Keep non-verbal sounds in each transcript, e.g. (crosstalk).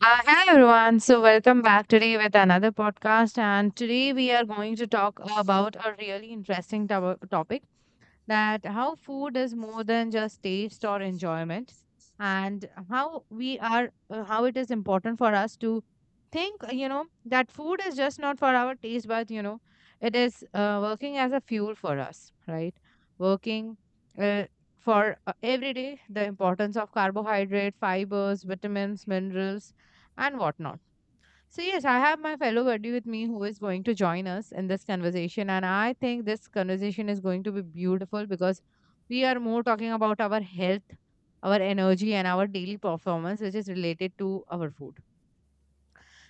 Hi everyone. So welcome back today with another podcast, and today we are going to talk about a really interesting topic that how food is more than just taste or enjoyment and how we are how it is important for us to think you know that food is just not for our taste but you know it is working as a fuel for us, right? Working uh, for every day, the importance of carbohydrate, fibers, vitamins, minerals, and whatnot. So, yes, I have my fellow buddy with me who is going to join us in this conversation. And I think this conversation is going to be beautiful because we are more talking about our health, our energy, and our daily performance, which is related to our food.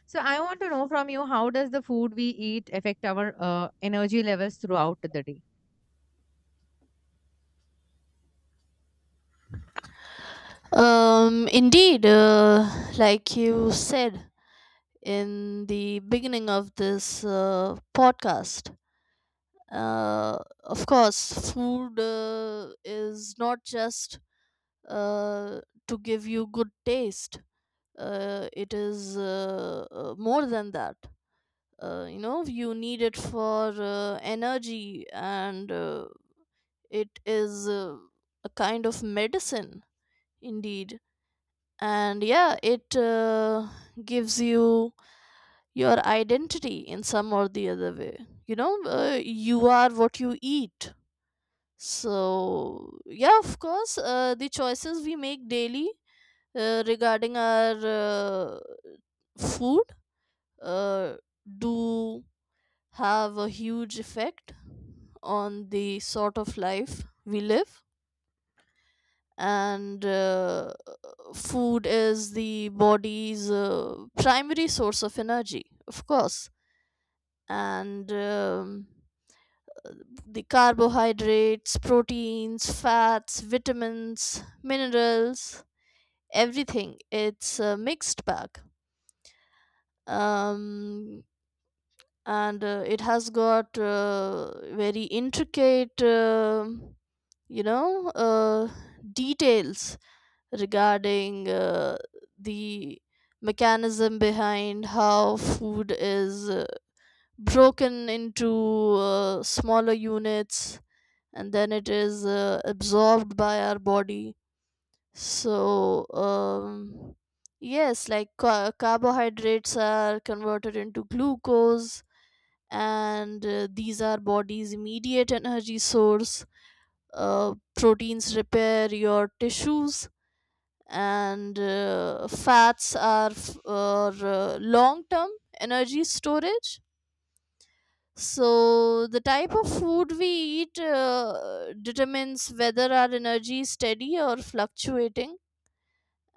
So, I want to know from you, how does the food we eat affect our energy levels throughout the day? Indeed, like you said in the beginning of this podcast, uh, of course, food is not just uh, to give you good taste, it is more than that. You need it for energy, and it is a kind of medicine, indeed. And yeah, it gives you your identity in some or the other way. You are what you eat. So yeah, of course, the choices we make daily, regarding our food, uh, do have a huge effect on the sort of life we live. And food is the body's primary source of energy, of course. And the carbohydrates, proteins, fats, vitamins, minerals, everything. It's a mixed bag. Um, and it has got very intricate, you know, uh, details regarding the mechanism behind how food is broken into smaller units, and then it is absorbed by our body. So yes, like carbohydrates are converted into glucose, and these are body's immediate energy source. Proteins repair your tissues, and fats are for long term energy storage. So the type of food we eat determines whether our energy is steady or fluctuating.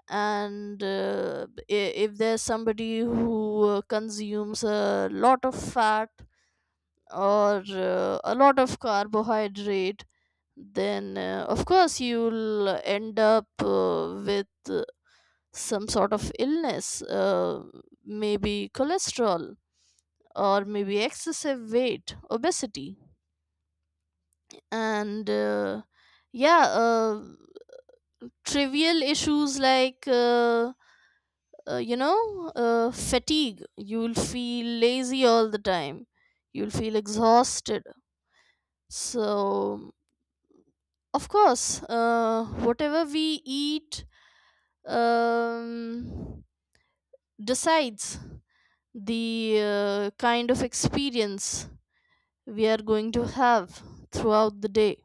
And if there's somebody who consumes a lot of fat, or a lot of carbohydrate, then of course you'll end up with some sort of illness, maybe cholesterol, or maybe excessive weight, obesity, and yeah, uh, trivial issues like. Fatigue. You'll feel lazy all the time. You'll feel exhausted. So, of course, whatever we eat um, decides the kind of experience we are going to have throughout the day.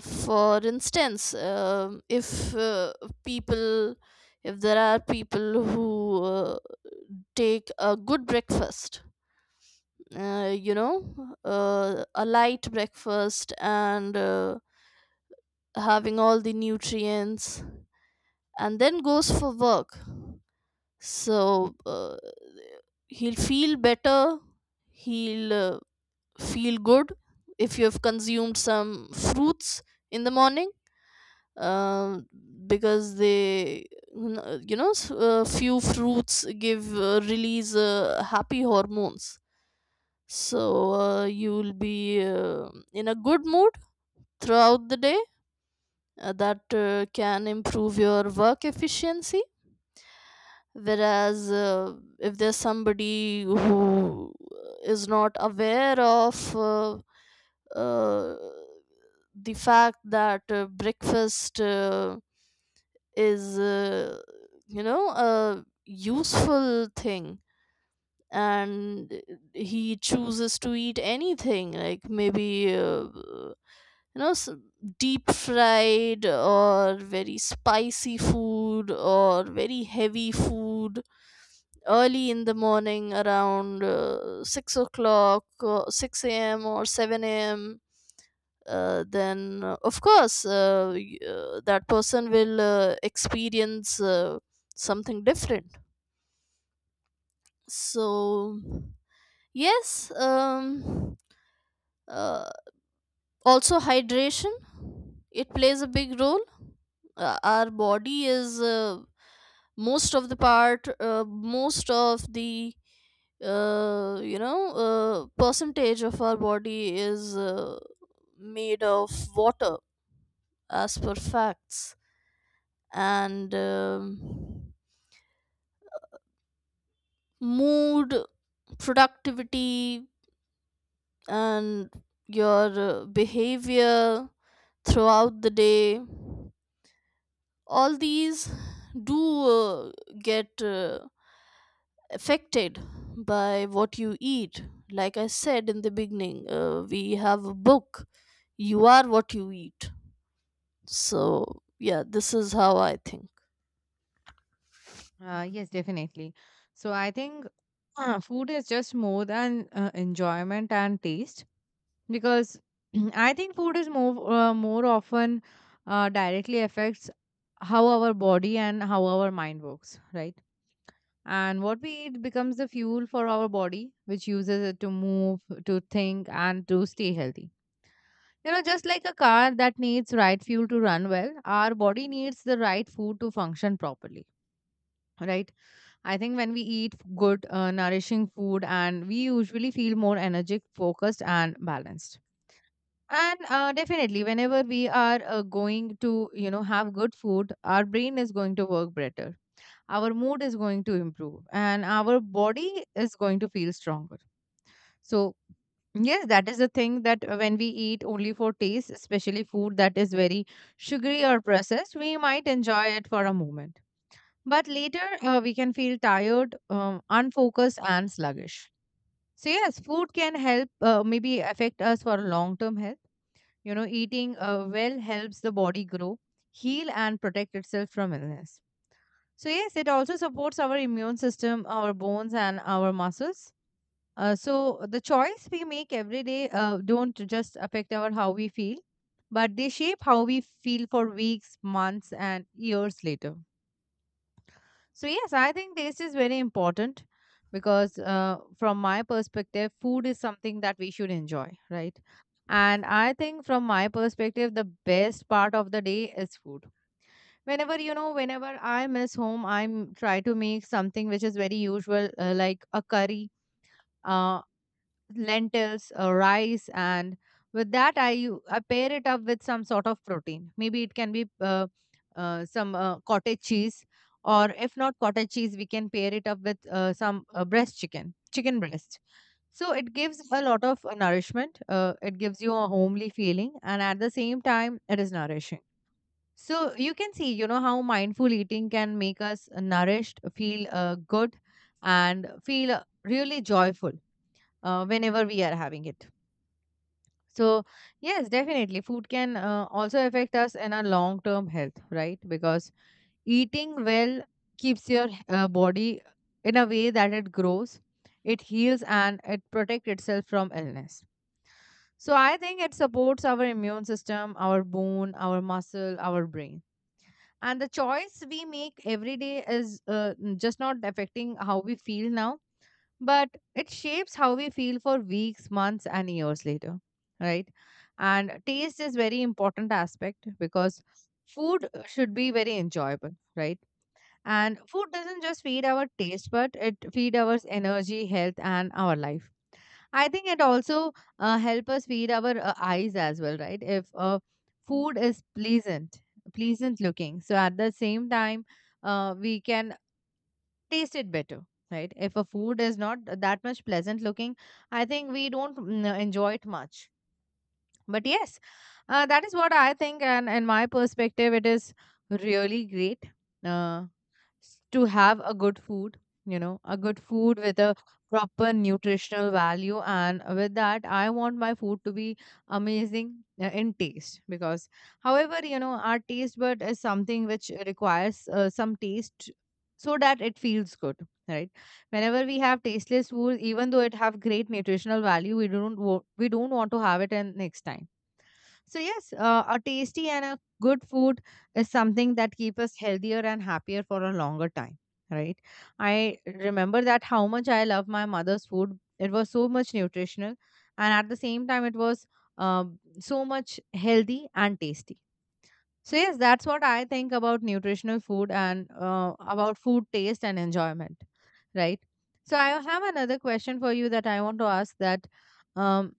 For instance, people, if there are people who take a good breakfast, uh, you know, a light breakfast and having all the nutrients, and then goes for work. So he'll feel better, he'll feel good if you have consumed some fruits in the morning, um, because they n- you know s- few fruits give, release happy hormones. So you will be in a good mood throughout the day. That can improve your work efficiency. Whereas if there's somebody who is not aware of uh, the fact that breakfast is a useful thing, and he chooses to eat anything like, maybe you know s deep fried, or very spicy food, or very heavy food early in the morning around 6 o'clock, or 6 a.m. or 7 a.m., then of course that person will experience something different. So yes, uh, also hydration, it plays a big role. Our body is, most of the, percentage of our body is made of water, as per facts. And mood, productivity, and your behavior throughout the day, all these do get affected by what you eat. Like I said in the beginning, we have a book, You Are What You Eat. So, yeah, this is how I think. Yes, definitely. So I think food is just more than enjoyment and taste because (clears throat) I think food is more more often directly affects how our body and how our mind works, right? And what we eat becomes the fuel for our body, which uses it to move, to think, and to stay healthy. You know, just like a car that needs right fuel to run well, our body needs the right food to function properly, right? I think when we eat good, nourishing food, and we usually feel more energetic, focused, and balanced. And definitely, whenever we are going to, you know, have good food, our brain is going to work better. Our mood is going to improve, and our body is going to feel stronger. So yes, that is the thing, that when we eat only for taste, especially food that is very sugary or processed, we might enjoy it for a moment. But later, we can feel tired, unfocused, and sluggish. So, yes, food can help maybe affect us for long term health. You know, eating well helps the body grow, heal, and protect itself from illness. So, yes, it also supports our immune system, our bones, and our muscles. So, the choice we make every day don't just affect our how we feel, but they shape how we feel for weeks, months, and years later. So, yes, I think taste is very important because, from my perspective, food is something that we should enjoy, right? And I think, from my perspective, the best part of the day is food. Whenever, you know, whenever I miss home, I try to make something which is very usual, like a curry. Uh, lentils, rice, and with that I pair it up with some sort of protein. Maybe it can be some cottage cheese, or if not cottage cheese, we can pair it up with some breast chicken, chicken breast. So it gives a lot of nourishment. It gives you a homely feeling, and at the same time, it is nourishing. So you can see, you know, how mindful eating can make us nourished, feel good, and feel really joyful whenever we are having it. So, yes, definitely, food can also affect us in our long term health, right? Because eating well keeps your body in a way that it grows, it heals, and it protects itself from illness. So, I think it supports our immune system, our bone, our muscle, our brain. And the choice we make every day is just not affecting how we feel now, but it shapes how we feel for weeks, months, and years later, right? And taste is very important aspect because food should be very enjoyable, right? And food doesn't just feed our taste, but it feed our energy, health, and our life. I think it also help us feed our eyes as well, right? If food is pleasant, pleasant looking, so at the same time, we can taste it better, right? If a food is not that much pleasant looking, I think we don't enjoy it much. But yes, that is what I think, and in my perspective, it is really great uh, to have a good food, you know, a good food with a proper nutritional value, and with that I want my food to be amazing in taste, because however, you know, our taste bud is something which requires some taste so that it feels good, right? Whenever we have tasteless food, even though it have great nutritional value, we don't wo- we don't want to have it in next time. So yes, a tasty and a good food is something that keep us healthier and happier for a longer time, right? I remember that how much I love my mother's food. It was so much nutritional, and at the same time, it was so much healthy and tasty. So yes, that's what I think about nutritional food and about food taste and enjoyment, right? So I have another question for you that I want to ask that. Um,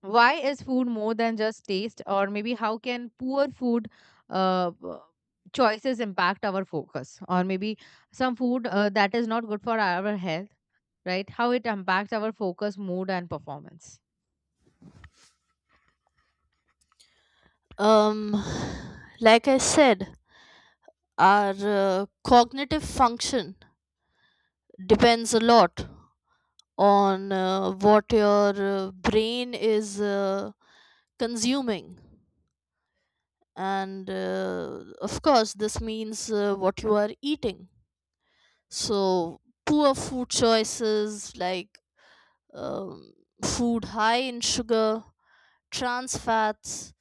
why is food more than just taste, or maybe how can poor food uh, uh, choices impact our focus, or maybe some food that is not good for our health, right? How it impacts our focus, mood, and performance? Um, (sighs) like I said, our cognitive function depends a lot on what your brain is consuming, and of course this means what you are eating. So poor food choices, like um, food high in sugar, trans fats,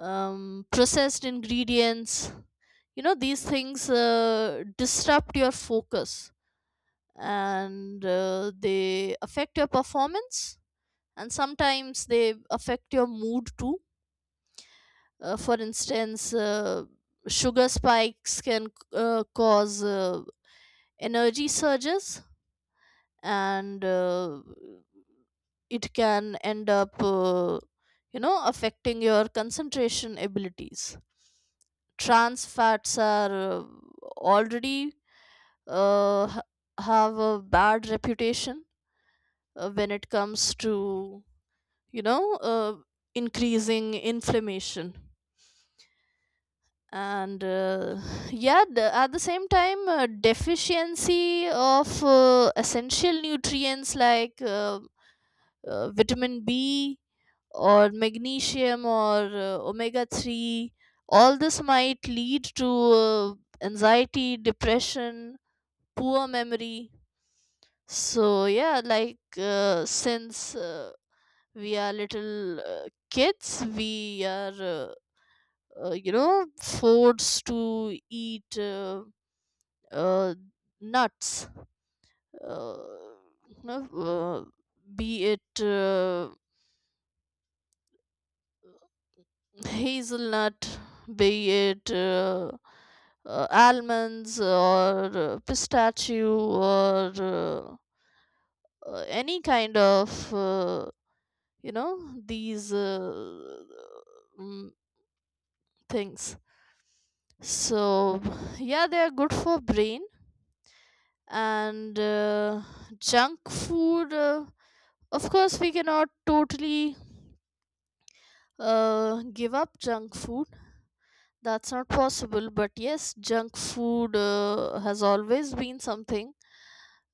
processed ingredients, these things disrupt your focus, and they affect your performance, and sometimes they affect your mood too. For instance, sugar spikes can cause energy surges, and it can end up affecting your concentration abilities. Trans fats are already uh, ha- have a bad reputation when it comes to, you know, uh, increasing inflammation. And yeah, at the same time, deficiency of essential nutrients like vitamin B, or magnesium, or omega 3, all this might lead to anxiety, depression, poor memory. So, yeah, like since we are little kids, we are forced to eat, uh, nuts, uh, no, uh, be it hazelnut, be it almonds, or pistachio, or any kind of you know these mm, things. So yeah, they are good for brain. And junk food, of course we cannot totally give up junk food, that's not possible. But yes, junk food has always been something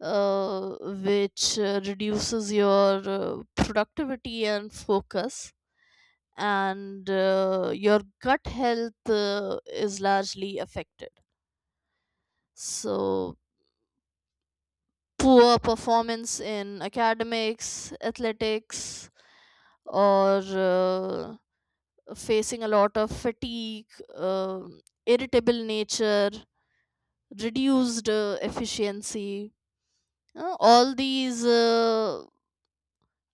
uh, which reduces your productivity and focus, and your gut health is largely affected. So, poor performance in academics, athletics, or facing a lot of fatigue, um irritable nature, reduced efficiency, all these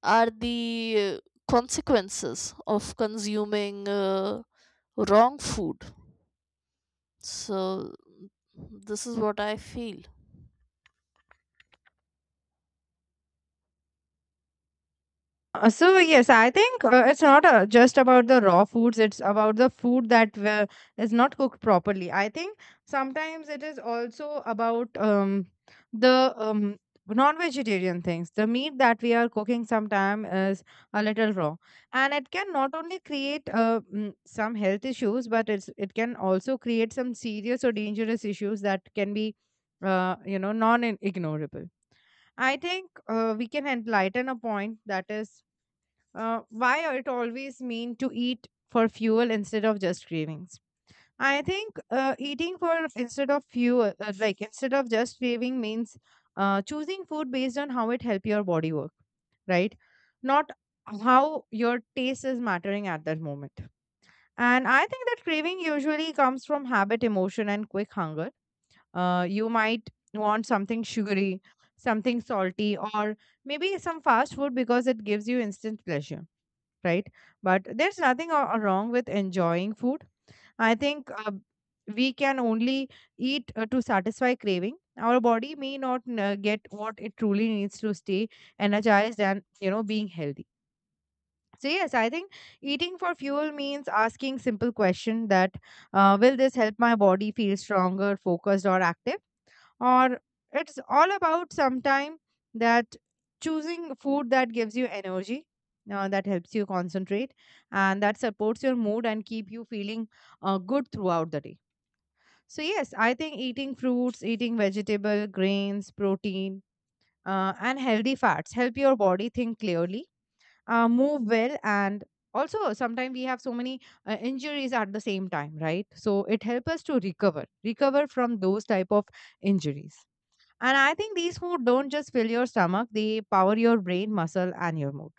are the consequences of consuming wrong food. So, this is what I feel. So yes, I think it's not just about the raw foods. It's about the food that is not cooked properly. I think sometimes it is also about the non-vegetarian things. The meat that we are cooking sometimes is a little raw, and it can not only create some health issues, but it can also create some serious or dangerous issues that can be, you know, non-ignorable. I think we can enlighten a point, that is, why are it always mean to eat for fuel instead of just cravings. I think eating for instead of fuel, like instead of just craving, means choosing food based on how it help your body work, right? Not how your taste is mattering at that moment. And I think that craving usually comes from habit, emotion, and quick hunger. You might want something sugary, something salty, or maybe some fast food because it gives you instant pleasure, right? But there's nothing wrong with enjoying food. I think we can only eat to satisfy craving. Our body may not get what it truly needs to stay energized and, you know, being healthy. So yes, I think eating for fuel means asking simple question, that will this help my body feel stronger, focused, or active, or it's all about sometime that choosing food that gives you energy, that helps you concentrate, and that supports your mood and keep you feeling good throughout the day. So yes, I think eating fruits, eating vegetable, grains, protein, and healthy fats help your body think clearly, move well, and also sometimes we have so many injuries at the same time, right? So it helps us to recover from those type of injuries. And I think these food don't just fill your stomach, they power your brain, muscle, and your mood.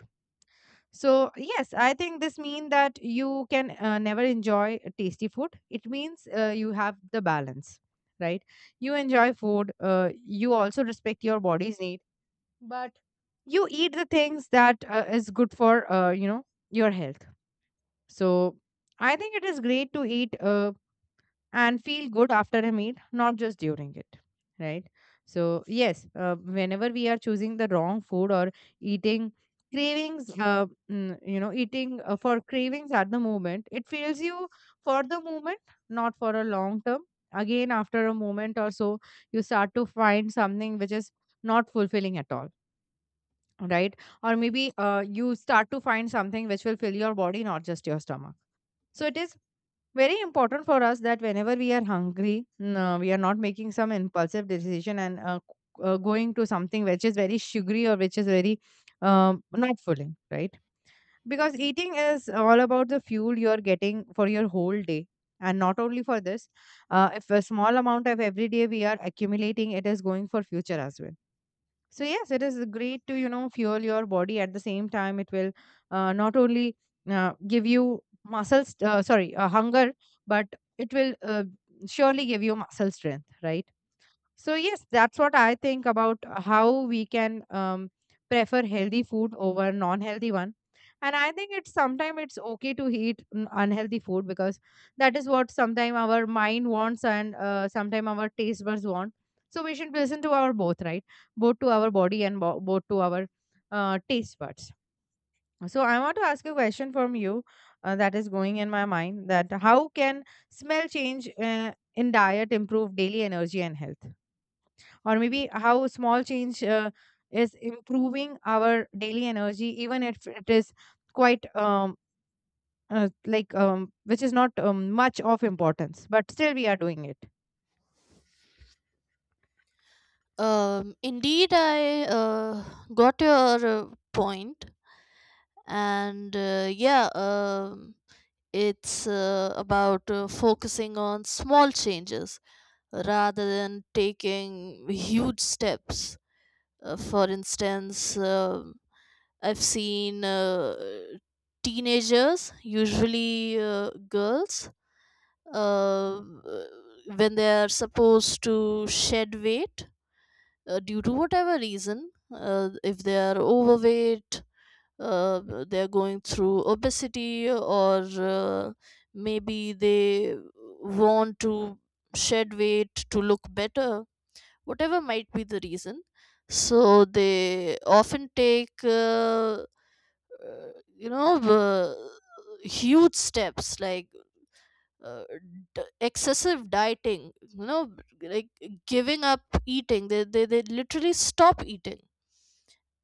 So, yes, I think this means that you can never enjoy tasty food. It means you have the balance, right? You enjoy food, you also respect your body's need, but you eat the things that is good for, you know, your health. So, I think it is great to eat and feel good after a meal, not just during it, right? So, yes, whenever we are choosing the wrong food or eating cravings, you know, eating for cravings at the moment, it fills you for the moment, not for a long term. Again, after a moment or so, you start to find something which is not fulfilling at all, right? Or maybe you start to find something which will fill your body, not just your stomach. So it is very important for us that whenever we are hungry we are not making some impulsive decision and going to something which is very sugary or which is very not filling, right? Because eating is all about the fuel you're getting for your whole day, and not only for this. If a small amount of every day we are accumulating, it is going for future as well. So yes, it is great to, you know, fuel your body. At the same time, it will not only give you muscles, sorry, hunger, but it will surely give you muscle strength, right? So yes, that's what I think about how we can prefer healthy food over non-healthy one. And I think it's sometimes it's okay to eat unhealthy food, because that is what sometimes our mind wants, and sometimes our taste buds want. So we should listen to our both, right? Both to our body, and both to our taste buds. So I want to ask a question from you, that is going in my mind, that how can smell change in diet improve daily energy and health? Or maybe how small change is improving our daily energy, even if it is quite which is not much of importance, but still we are doing it. Indeed, I got your point. And it's about focusing on small changes rather than taking huge steps. For instance, I've seen teenagers, usually girls, um, uh, when they are supposed to shed weight due to whatever reason. If they are overweight, they're going through obesity, or maybe they want to shed weight to look better, whatever might be the reason. So they often take, you know uh, huge steps, like uh, excessive dieting, like giving up eating. They literally stop eating.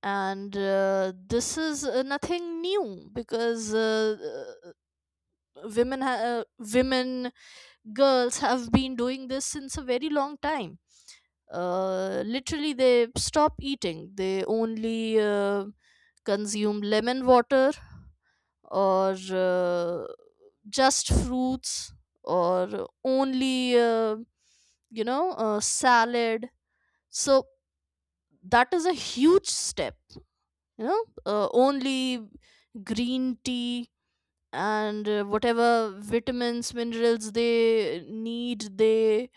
And this is nothing new, because uh, women ha- uh, women, girls have been doing this since a very long time. Literally, they stop eating, they only consume lemon water, or just fruits, or only salad. So that is a huge step. Only green tea, and whatever vitamins, minerals they need, they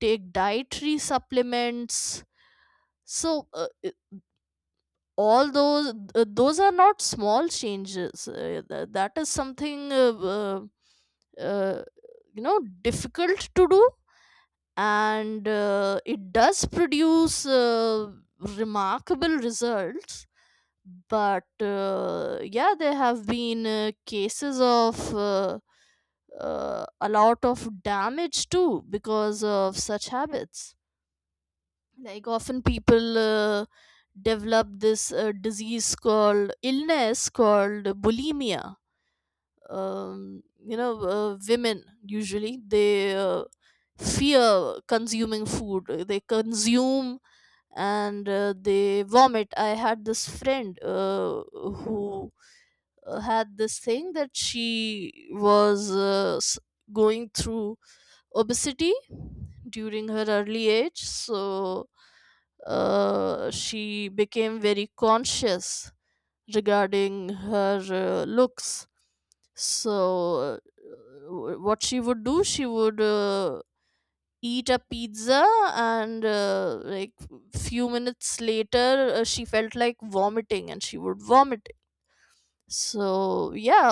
take dietary supplements. So all those are not small changes. That is something uh, you know difficult to do, and it does produce remarkable results. But yeah, there have been cases of a lot of damage too, because of such habits. Like, often people develop this disease called illness called bulimia. Women usually, they fear consuming food. They consume and they vomit. I had this friend who had this thing that she was going through obesity during her early age. So she became very conscious regarding her looks. So, uh, what she would do, she would eat a pizza, and like, few minutes later, she felt like vomiting, and she would vomit. So, yeah,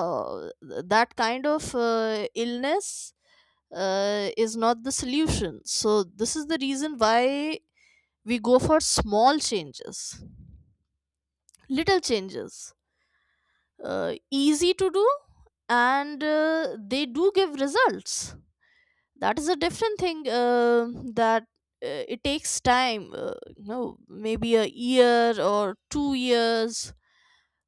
that kind of illness is not the solution. So, this is the reason why we go for small changes, little changes, easy to do, and they do give results. That is a different thing, that it takes time, maybe a year or 2 years.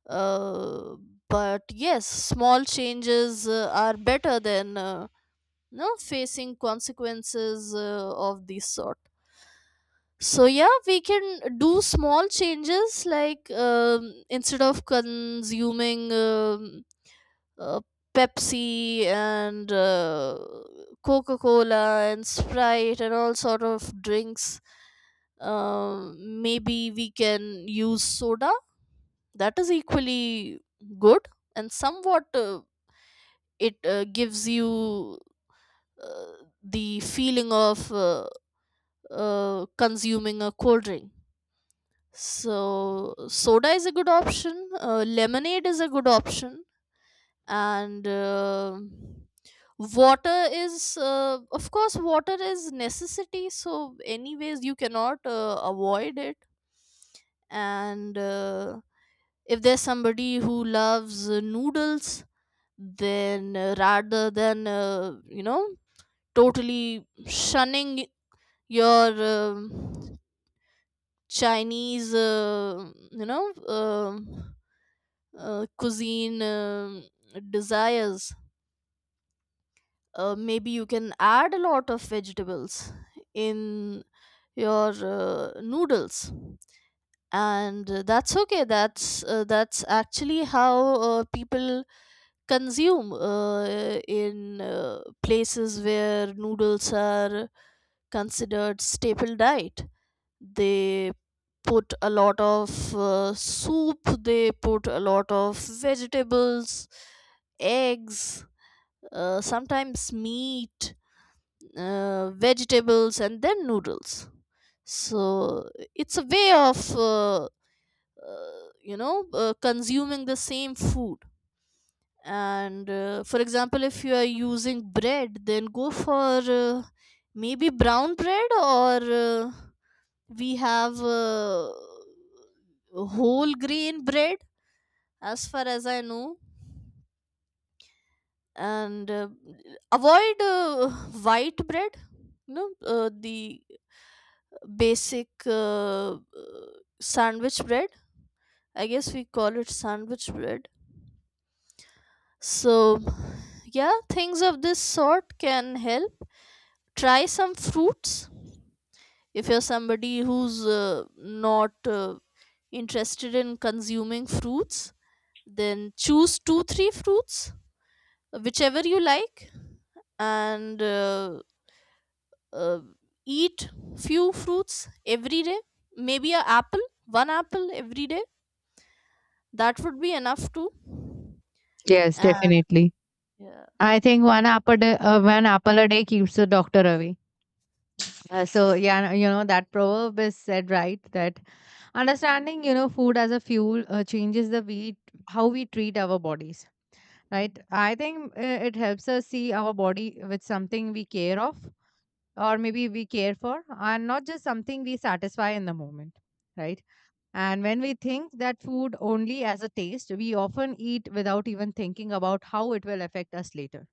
uh, but yes, small changes are better than, facing consequences of this sort. So yeah, we can do small changes, like instead of consuming, uh, Pepsi and Coca Cola and Sprite and all sort of drinks. Maybe we can use soda. That is equally good, and somewhat it gives you uh, the feeling of consuming a cold drink. So soda is a good option. Lemonade is a good option, and water is of course, water is necessity, so anyways you cannot avoid it. And if there's somebody who loves noodles, then rather than totally shunning your Chinese, cuisine desires, maybe you can add a lot of vegetables in your noodles. And that's okay, that's actually how people consume in places where noodles are considered staple diet. They put a lot of soup, they put a lot of vegetables, eggs, sometimes meat, vegetables, and then noodles. So it's a way of consuming the same food. And for example, if you are using bread, then go for, maybe brown bread, or uh, we have whole grain bread, as far as I know, and avoid white bread. The basic, sandwich bread, I guess we call it sandwich bread. So yeah, things of this sort can help. Try some fruits. If you're somebody who's not interested in consuming fruits, then choose two three fruits, whichever you like, and uh, eat few fruits every day. Maybe a apple one apple every day, that would be enough too. Yes, And definitely. yeah. I think one apple a day keeps the doctor away. So yeah, you know that proverb is said, right? That understanding, you know, food as a fuel changes the way how we treat our bodies. Right, I think it helps us see our body with something we care of, or maybe we care for, and not just something we satisfy in the moment, right? And when we think that food only as a taste, we often eat without even thinking about how it will affect us later,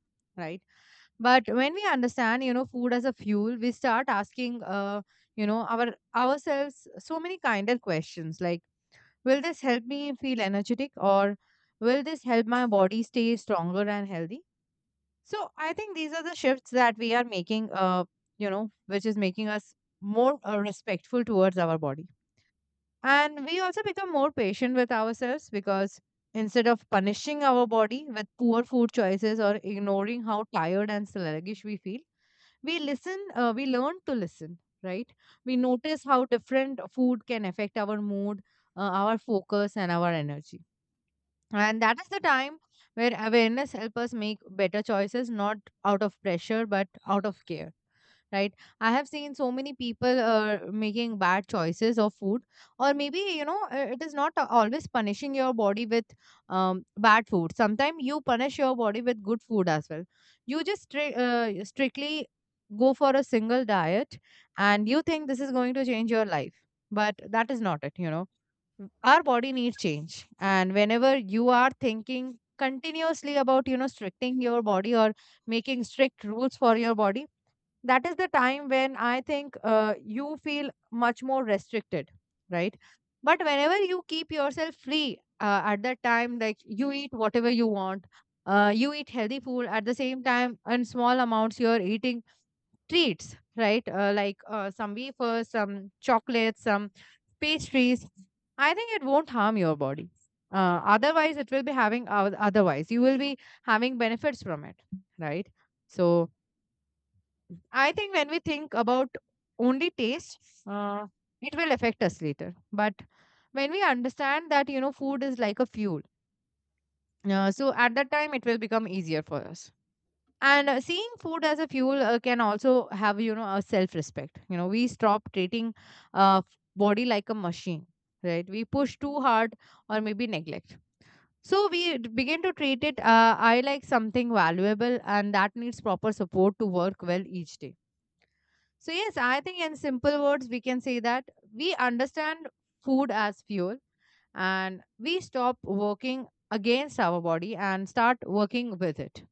right? But when we understand, you know, food as a fuel, we start asking you know our ourselves so many kinder questions, like, will this help me feel energetic, or will this help my body stay stronger and healthy? So I think these are the shifts that we are making, which is making us more respectful towards our body. And we also become more patient with ourselves, because instead of punishing our body with poor food choices or ignoring how tired and sluggish we feel, we learn to listen, right? We notice how different food can affect our mood, our focus, and our energy, and that is the time where awareness helps us make better choices, not out of pressure, but out of care. Right? I have seen so many people making bad choices of food, or maybe, you know, it is not always punishing your body with bad food. Sometimes you punish your body with good food as well. You just strictly go for a single diet, and you think this is going to change your life, but that is not it, you know. Our body needs change, and whenever you are thinking continuously about, you know, stricting your body or making strict rules for your body, that is the time when I think you feel much more restricted, right? But whenever you keep yourself free at that time, like you eat whatever you want, you eat healthy food, at the same time, in small amounts, you're eating treats, right? Like some wafers, some chocolates, some pastries. I think it won't harm your body. Otherwise, it will be having otherwise. You will be having benefits from it, right? So, I think when we think about only taste, uh, it will affect us later. But when we understand that, you know, food is like a fuel, so at that time it will become easier for us. And seeing food as a fuel can also have, you know, a self respect. You know, we stop treating body like a machine, right? We push too hard, or maybe neglect. So we begin to treat it, I like, something valuable, and that needs proper support to work well each day. So, yes, I think in simple words, we can say that we understand food as fuel, and we stop working against our body and start working with it,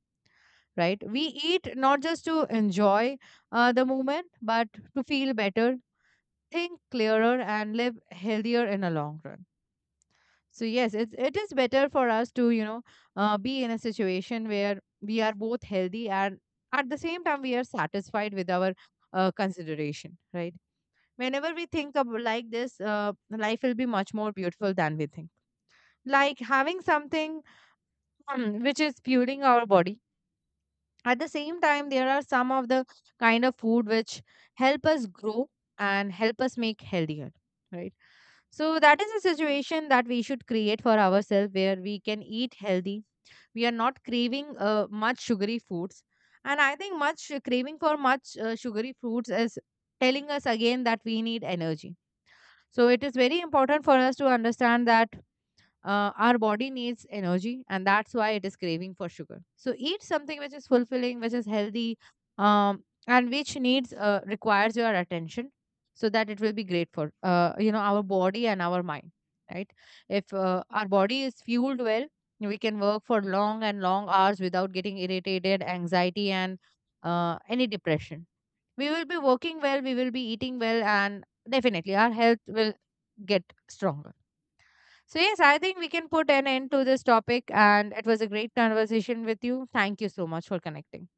right? We eat not just to enjoy the moment, but to feel better, think clearer, and live healthier in the long run. So, yes, it is better for us to, you know, be in a situation where we are both healthy, and at the same time we are satisfied with our consideration, right? Whenever we think of like this, life will be much more beautiful than we think. Like having something which is fueling our body. At the same time, there are some of the kind of food which help us grow and help us make healthier, right? So that is a situation that we should create for ourselves, where we can eat healthy. We are not craving much sugary foods. And I think much craving for much sugary foods is telling us again that we need energy. So it is very important for us to understand that our body needs energy, and that's why it is craving for sugar. So eat something which is fulfilling, which is healthy, and which needs requires your attention, so that it will be great for you know, our body and our mind, right? If our body is fueled well, we can work for long and long hours without getting irritated, anxiety, and any depression. We will be working well, we will be eating well, and definitely our health will get stronger. So yes, I think we can put an end to this topic, and it was a great conversation with you. Thank you so much for connecting.